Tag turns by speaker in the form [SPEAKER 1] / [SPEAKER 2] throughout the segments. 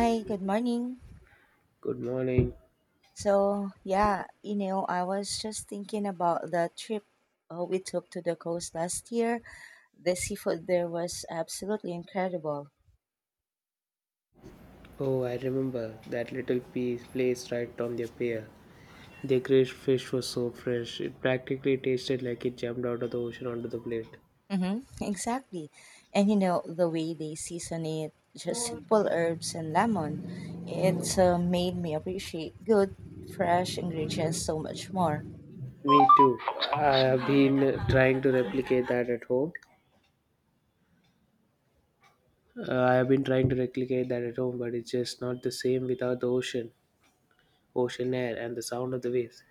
[SPEAKER 1] Hi, good morning.
[SPEAKER 2] Good morning.
[SPEAKER 1] So, I was just thinking about the trip we took to the coast last year. The seafood there was absolutely incredible.
[SPEAKER 2] Oh, I remember that little piece place right on the pier. The grilled fish was so fresh, it practically tasted like it jumped out of the ocean onto the plate.
[SPEAKER 1] Exactly. And the way they season it, just simple herbs and lemon, it made me appreciate good, fresh ingredients so much more.
[SPEAKER 2] Me too. I have been trying to replicate that at home. I have been trying to replicate that at home, but it's just not the same without the ocean air, and the sound of the waves.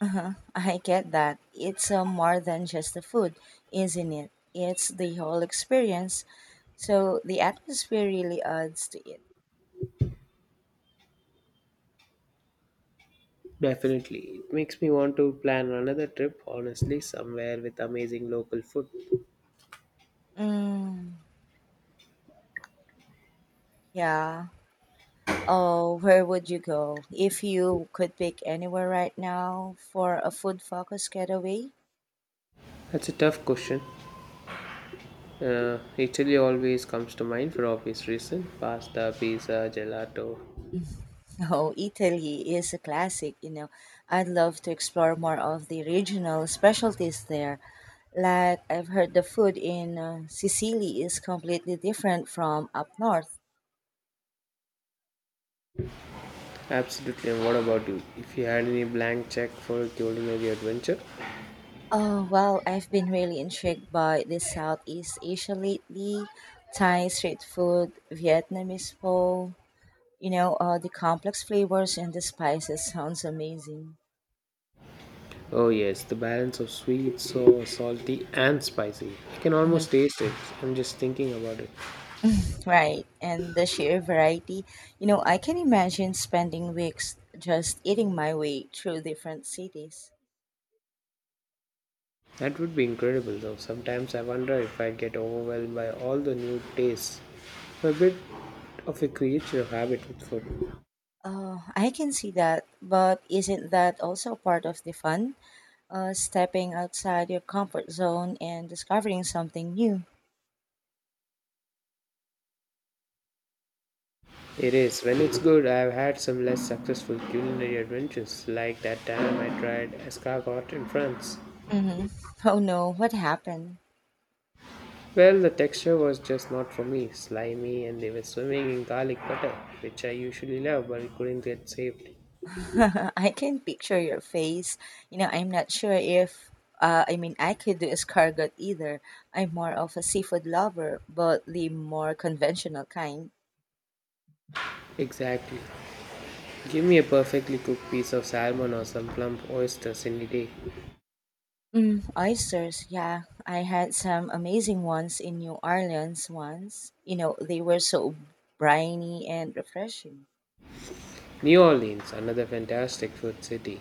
[SPEAKER 1] Uh-huh. I get that. It's more than just the food, isn't it? It's the whole experience. So the atmosphere really adds to it.
[SPEAKER 2] Definitely. It makes me want to plan another trip, honestly, somewhere with amazing local food.
[SPEAKER 1] Mm, yeah. Oh, where would you go if you could pick anywhere right now for a food focused getaway?
[SPEAKER 2] That's a tough question. Italy always comes to mind for obvious reason. Pasta, pizza, gelato.
[SPEAKER 1] Oh, Italy is a classic. I'd love to explore more of the regional specialties there. Like, I've heard the food in Sicily is completely different from up north.
[SPEAKER 2] Absolutely. And what about you? If you had any blank check for a culinary adventure?
[SPEAKER 1] Oh, well, I've been really intrigued by the Southeast Asia lately. Thai street food, Vietnamese pho, the complex flavors and the spices sounds amazing.
[SPEAKER 2] Oh yes, the balance of sweet, sour, salty, and spicy. I can
[SPEAKER 1] hmm
[SPEAKER 2] almost taste it. I'm just thinking about it.
[SPEAKER 1] Right, and the sheer variety. I can imagine spending weeks just eating my way through different cities.
[SPEAKER 2] That would be incredible though. Sometimes I wonder if I get overwhelmed by all the new tastes. I'm a bit of a creature of habit with food.
[SPEAKER 1] Oh, I can see that, but isn't that also part of the fun? Stepping outside your comfort zone and discovering something new.
[SPEAKER 2] It is. When it's good, I've had some less successful culinary adventures, like that time I tried escargot in France.
[SPEAKER 1] hmm Oh no, what happened?
[SPEAKER 2] Well, the texture was just not for me, slimy, and they were swimming in garlic butter, which I usually love, but it couldn't get saved.
[SPEAKER 1] I can picture your face. You know, I'm not sure if I could do escargot either. I'm more of a seafood lover, but the more conventional kind.
[SPEAKER 2] Exactly. Give me a perfectly cooked piece of salmon or some plump oysters any day.
[SPEAKER 1] Oysters, yeah. I had some amazing ones in New Orleans once. You know, they were so briny and refreshing.
[SPEAKER 2] New Orleans, another fantastic food city.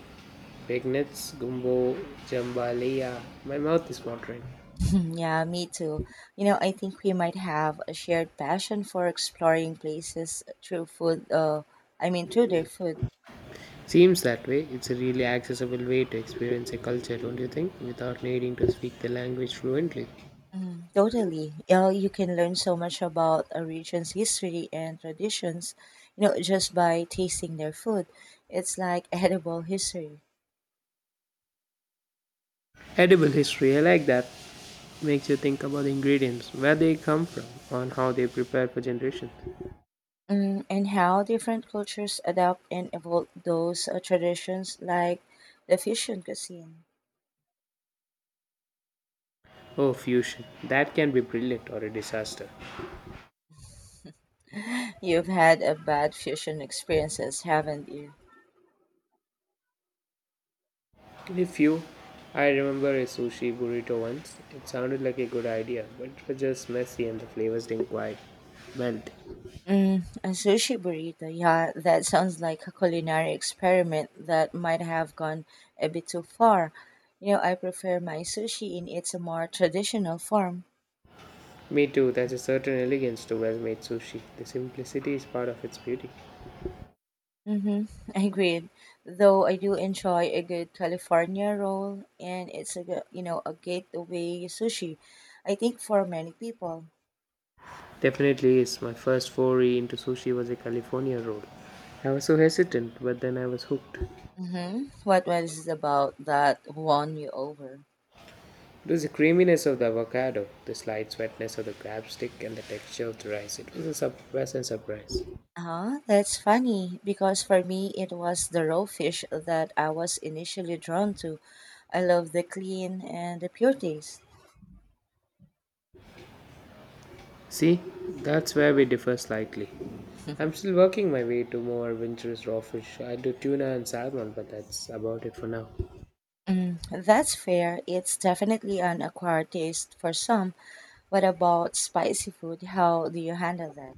[SPEAKER 2] Big nets, gumbo, jambalaya. My mouth is watering.
[SPEAKER 1] Mm, yeah, me too. You know, I think we might have a shared passion for exploring places through food, through their food.
[SPEAKER 2] Seems that way. It's a really accessible way to experience a culture, don't you think? Without needing to speak the language fluently.
[SPEAKER 1] Totally. You know, you can learn so much about a region's history and traditions, just by tasting their food. It's like edible history.
[SPEAKER 2] Edible history, I like that. Makes you think about the ingredients, where they come from, and how they prepare for generations.
[SPEAKER 1] And how different cultures adapt and evolve those traditions, like the fusion cuisine.
[SPEAKER 2] Oh, fusion. That can be brilliant or a disaster.
[SPEAKER 1] You've had a bad fusion experiences, haven't you?
[SPEAKER 2] If you, I remember a sushi burrito once. It sounded like a good idea, but it was just messy and the flavors didn't quite melt.
[SPEAKER 1] A sushi burrito. Yeah, that sounds like a culinary experiment that might have gone a bit too far. You know, I prefer my sushi in its more traditional form.
[SPEAKER 2] Me too, there's a certain elegance to well made sushi. The simplicity is part of its beauty.
[SPEAKER 1] Mm-hmm. Agreed. Though I do enjoy a good California roll, and it's a a gateway sushi, I think, for many people.
[SPEAKER 2] Definitely is. My first foray into sushi was a California roll. I was so hesitant, but then I was hooked.
[SPEAKER 1] Mm-hmm. What was it about that won you over?
[SPEAKER 2] It was the creaminess of the avocado, the slight sweetness of the crab stick, and the texture of the rice. It was a pleasant surprise.
[SPEAKER 1] Huh? That's funny because for me it was the raw fish that I was initially drawn to. I love the clean and the pure taste.
[SPEAKER 2] See, that's where we differ slightly. I'm still working my way to more adventurous raw fish. I do tuna and salmon, but that's about it for now.
[SPEAKER 1] Mm, that's fair. It's definitely an acquired taste for some. What about spicy food? How do you handle that?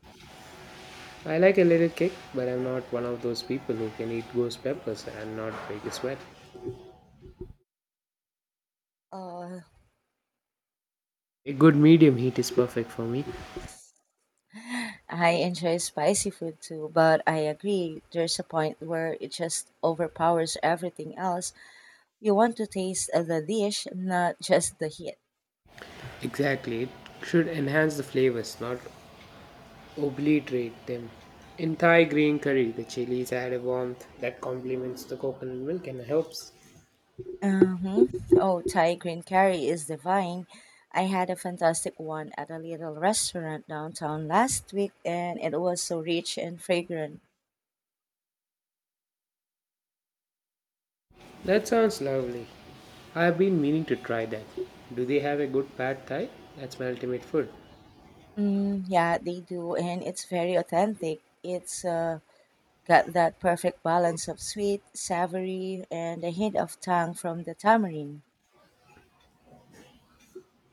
[SPEAKER 2] I like a little kick, but I'm not one of those people who can eat ghost peppers and not break a sweat.
[SPEAKER 1] Uh,
[SPEAKER 2] A good medium heat is perfect for me.
[SPEAKER 1] I enjoy spicy food too, but I agree there's a point where it just overpowers everything else. You want to taste the dish, not just the heat.
[SPEAKER 2] Exactly. It should enhance the flavors, not obliterate them. In Thai green curry, the chilies add a warmth that complements the coconut milk and helps.
[SPEAKER 1] Uh-huh. Oh, Thai green curry is divine. I had a fantastic one at a little restaurant downtown last week, and it was so rich and fragrant.
[SPEAKER 2] That sounds lovely. I have been meaning to try that. Do they have a good pad thai? That's my ultimate food.
[SPEAKER 1] Yeah, they do, and it's very authentic. It's got that perfect balance of sweet, savory, and a hint of tang from the tamarind.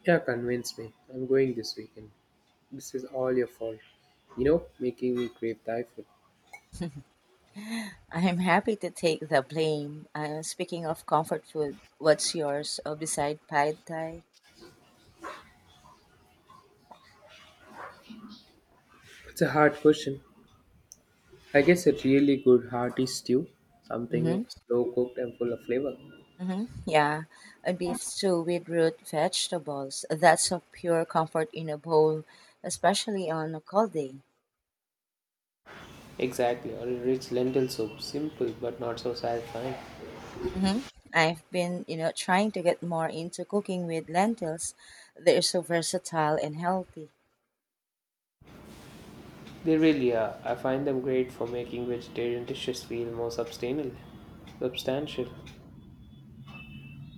[SPEAKER 2] Yeah, convince me. I'm going this weekend. This is all your fault. You know, making me crave Thai food.
[SPEAKER 1] I'm happy to take the blame. Speaking of comfort food, what's yours beside pad thai?
[SPEAKER 2] It's a hard question. I guess a really good hearty stew, something
[SPEAKER 1] Mhm.
[SPEAKER 2] slow cooked and full of flavor.
[SPEAKER 1] Mm-hmm. Yeah, a beef stew with root vegetables. That's a pure comfort in a bowl, especially on a cold day.
[SPEAKER 2] Exactly, or a rich lentil soup. Simple but not so satisfying.
[SPEAKER 1] Mm-hmm. I've been trying to get more into cooking with lentils. They're so versatile and healthy.
[SPEAKER 2] They really are. I find them great for making vegetarian dishes feel more substantial. Substantial.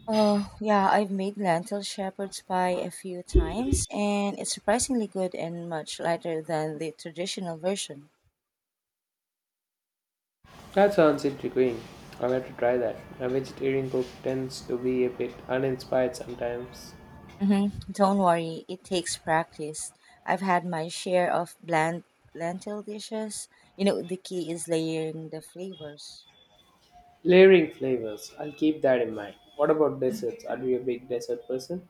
[SPEAKER 1] Oh, yeah, I've made lentil shepherd's pie a few times, and it's surprisingly good and much lighter than the traditional version.
[SPEAKER 2] That sounds intriguing. I'll have to try that. A vegetarian cook tends to be a bit uninspired sometimes.
[SPEAKER 1] hmm Don't worry, it takes practice. I've had my share of bland lentil dishes. You know, the key is layering the flavors.
[SPEAKER 2] Layering flavors. I'll keep that in mind. What about desserts? Are you a big dessert person?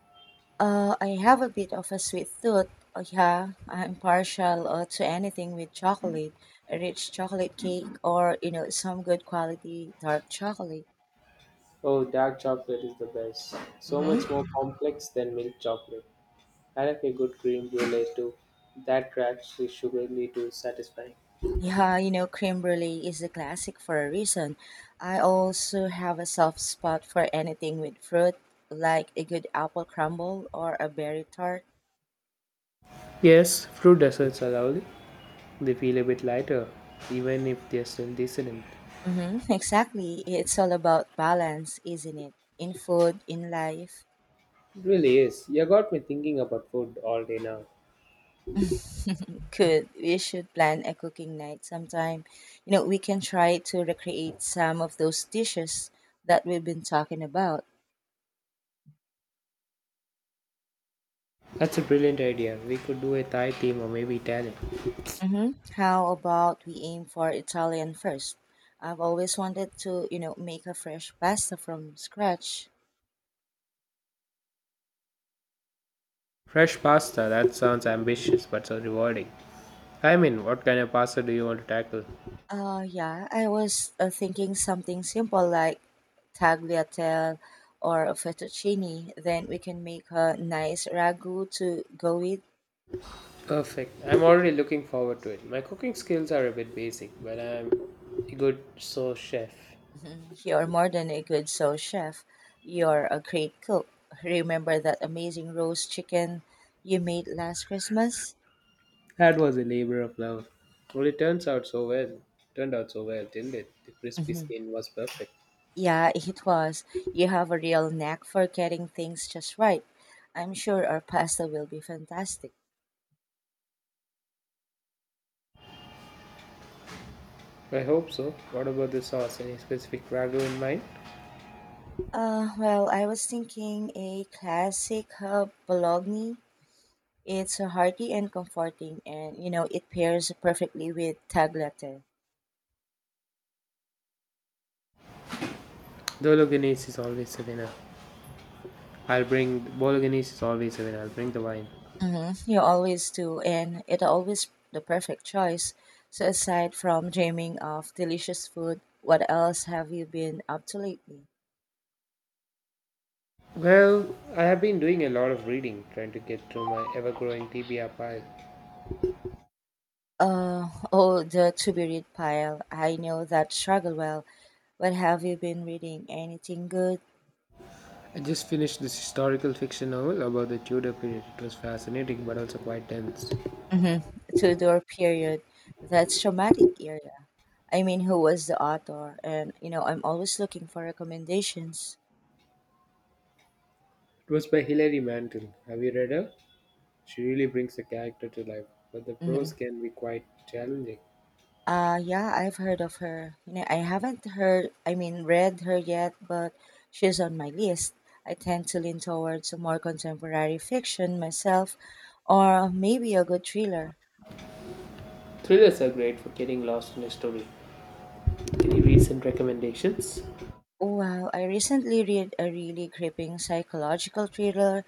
[SPEAKER 1] I have a bit of a sweet tooth. Oh, yeah, I'm partial to anything with chocolate, a rich chocolate cake, or you know, some good quality dark chocolate.
[SPEAKER 2] Oh, dark chocolate is the best. So much
[SPEAKER 1] hmm
[SPEAKER 2] more complex than milk chocolate. I like a good cream brulee too. That cracks is sugary to satisfying.
[SPEAKER 1] Yeah, you know, creme brulee is a classic for a reason. I also have a soft spot for anything with fruit, like a good apple crumble or a berry tart.
[SPEAKER 2] Yes, fruit desserts are lovely. They feel a bit lighter, even if they're still decent.
[SPEAKER 1] Mm-hmm, exactly. It's all about balance, isn't it? In food, in life.
[SPEAKER 2] It really is. You got me thinking about food all day now.
[SPEAKER 1] Could we should plan a cooking night sometime. You know, we can try to recreate some of those dishes that we've been talking about.
[SPEAKER 2] That's a brilliant idea. We could do a Thai theme or maybe Italian.
[SPEAKER 1] Mm-hmm. How about we aim for Italian first? I've always wanted to, you know, make a fresh pasta from scratch.
[SPEAKER 2] Fresh pasta, that sounds ambitious but so rewarding. I mean, what kind of pasta do you want to tackle?
[SPEAKER 1] Yeah, I was thinking something simple like tagliatelle or a fettuccine. Then we can make a nice ragu to go with.
[SPEAKER 2] Perfect. I'm already looking forward to it. My cooking skills are a bit basic, but I'm a good sous chef.
[SPEAKER 1] Mhm. You're more than a good soul, chef. You're a great cook. Remember that amazing roast chicken you made last Christmas?
[SPEAKER 2] That was a labor of love. Well, it turns out so well. Turned out so well, didn't it? The crispy
[SPEAKER 1] Mhm.
[SPEAKER 2] skin was perfect.
[SPEAKER 1] Yeah, it was. You have a real knack for getting things just right. I'm sure our pasta will be fantastic.
[SPEAKER 2] I hope so. What about the sauce? Any specific ragu in mind?
[SPEAKER 1] Well, I was thinking a classic bologna. It's hearty and comforting, and you know it pairs perfectly with tagliatelle.
[SPEAKER 2] Bolognese is always a winner. Bolognese is always a winner. I'll bring the wine.
[SPEAKER 1] Mm-hmm. You always do, and it always the perfect choice. So aside from dreaming of delicious food, what else have you been up to lately?
[SPEAKER 2] Well, I have been doing a lot of reading, trying to get through my ever-growing TBR pile.
[SPEAKER 1] Oh, the to be read pile. I know that struggle well. What have you been reading? Anything good?
[SPEAKER 2] I just finished this historical fiction novel about the Tudor period. It was fascinating, but also quite tense. It
[SPEAKER 1] Mm-hmm. Tudor period. That's traumatic era. I mean, who was the author? And you know, I'm always looking for recommendations.
[SPEAKER 2] was by Hilary Mantel. Have you read her? She really brings a character to life, but the
[SPEAKER 1] Mm-hmm.
[SPEAKER 2] prose can be quite challenging.
[SPEAKER 1] Yeah, I've heard of her. You know, I haven't heard. I mean, read her yet, but she's on my list. I tend to lean towards more contemporary fiction myself, or maybe a good thriller.
[SPEAKER 2] Thrillers are great for getting lost in a story. Any recent recommendations?
[SPEAKER 1] Well, I recently read a really gripping psychological thriller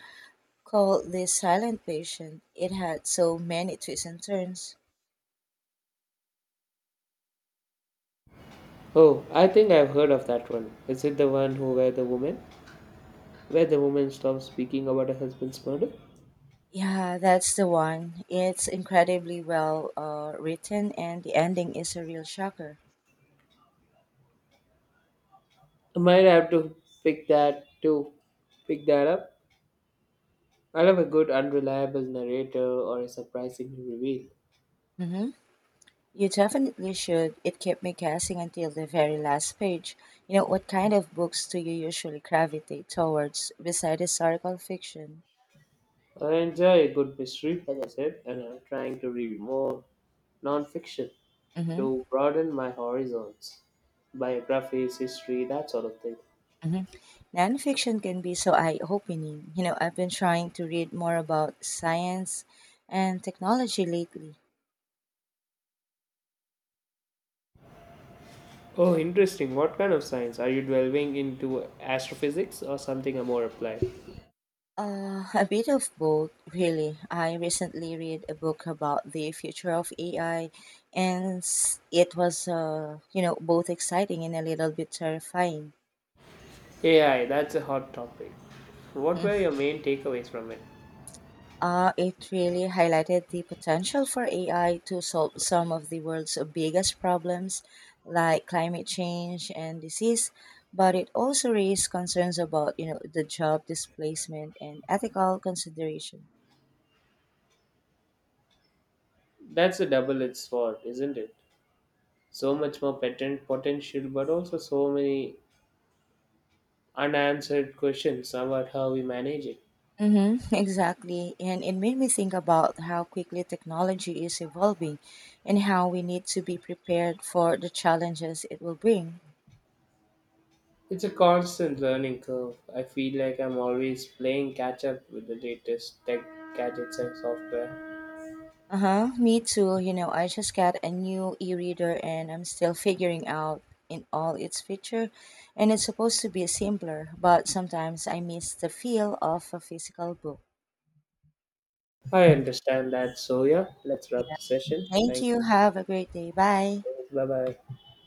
[SPEAKER 1] called The Silent Patient. It had so many twists and turns.
[SPEAKER 2] Oh, I think I've heard of that one. Is it the one who where the woman stops speaking about her husband's murder?
[SPEAKER 1] Yeah, that's the one. It's incredibly well written, and the ending is a real shocker.
[SPEAKER 2] I might have to pick that to pick that up. I love a good unreliable narrator or a surprising reveal.
[SPEAKER 1] Mm-hmm. You definitely should. It kept me guessing until the very last page. You know, what kind of books do you usually gravitate towards besides historical fiction?
[SPEAKER 2] I enjoy a good mystery, like I said, and I'm trying to read more non-fiction.
[SPEAKER 1] Mm-hmm.
[SPEAKER 2] To broaden my horizons. Biographies, history, that sort of thing.
[SPEAKER 1] Mhm. Nonfiction can be so eye opening. You know, I've been trying to read more about science and technology lately.
[SPEAKER 2] Oh, interesting. What kind of science? Are you delving into astrophysics or something more applied?
[SPEAKER 1] A bit of both, really. I recently read a book about the future of AI, and it was both exciting and a little bit terrifying.
[SPEAKER 2] AI, that's a hot topic. What were your main takeaways from it?
[SPEAKER 1] It really highlighted the potential for AI to solve some of the world's biggest problems, like climate change and disease. But it also raised concerns about, you know, the job displacement and ethical consideration.
[SPEAKER 2] That's a double edged sword, isn't it? So much more patent potential, but also so many unanswered questions about how we manage it.
[SPEAKER 1] Mm-hmm, exactly. And it made me think about how quickly technology is evolving and how we need to be prepared for the challenges it will bring.
[SPEAKER 2] It's a constant learning curve. I feel like I'm always playing catch up with the latest tech gadgets and software.
[SPEAKER 1] Uh huh. Me too. You know, I just got a new e-reader and I'm still figuring out in all its feature and it's supposed to be simpler, but sometimes I miss the feel of a physical book.
[SPEAKER 2] I understand that. So, yeah, let's wrap
[SPEAKER 1] Yeah.
[SPEAKER 2] the session.
[SPEAKER 1] Thank
[SPEAKER 2] Thank
[SPEAKER 1] you.
[SPEAKER 2] you.
[SPEAKER 1] Have a great day. Bye.
[SPEAKER 2] Bye bye.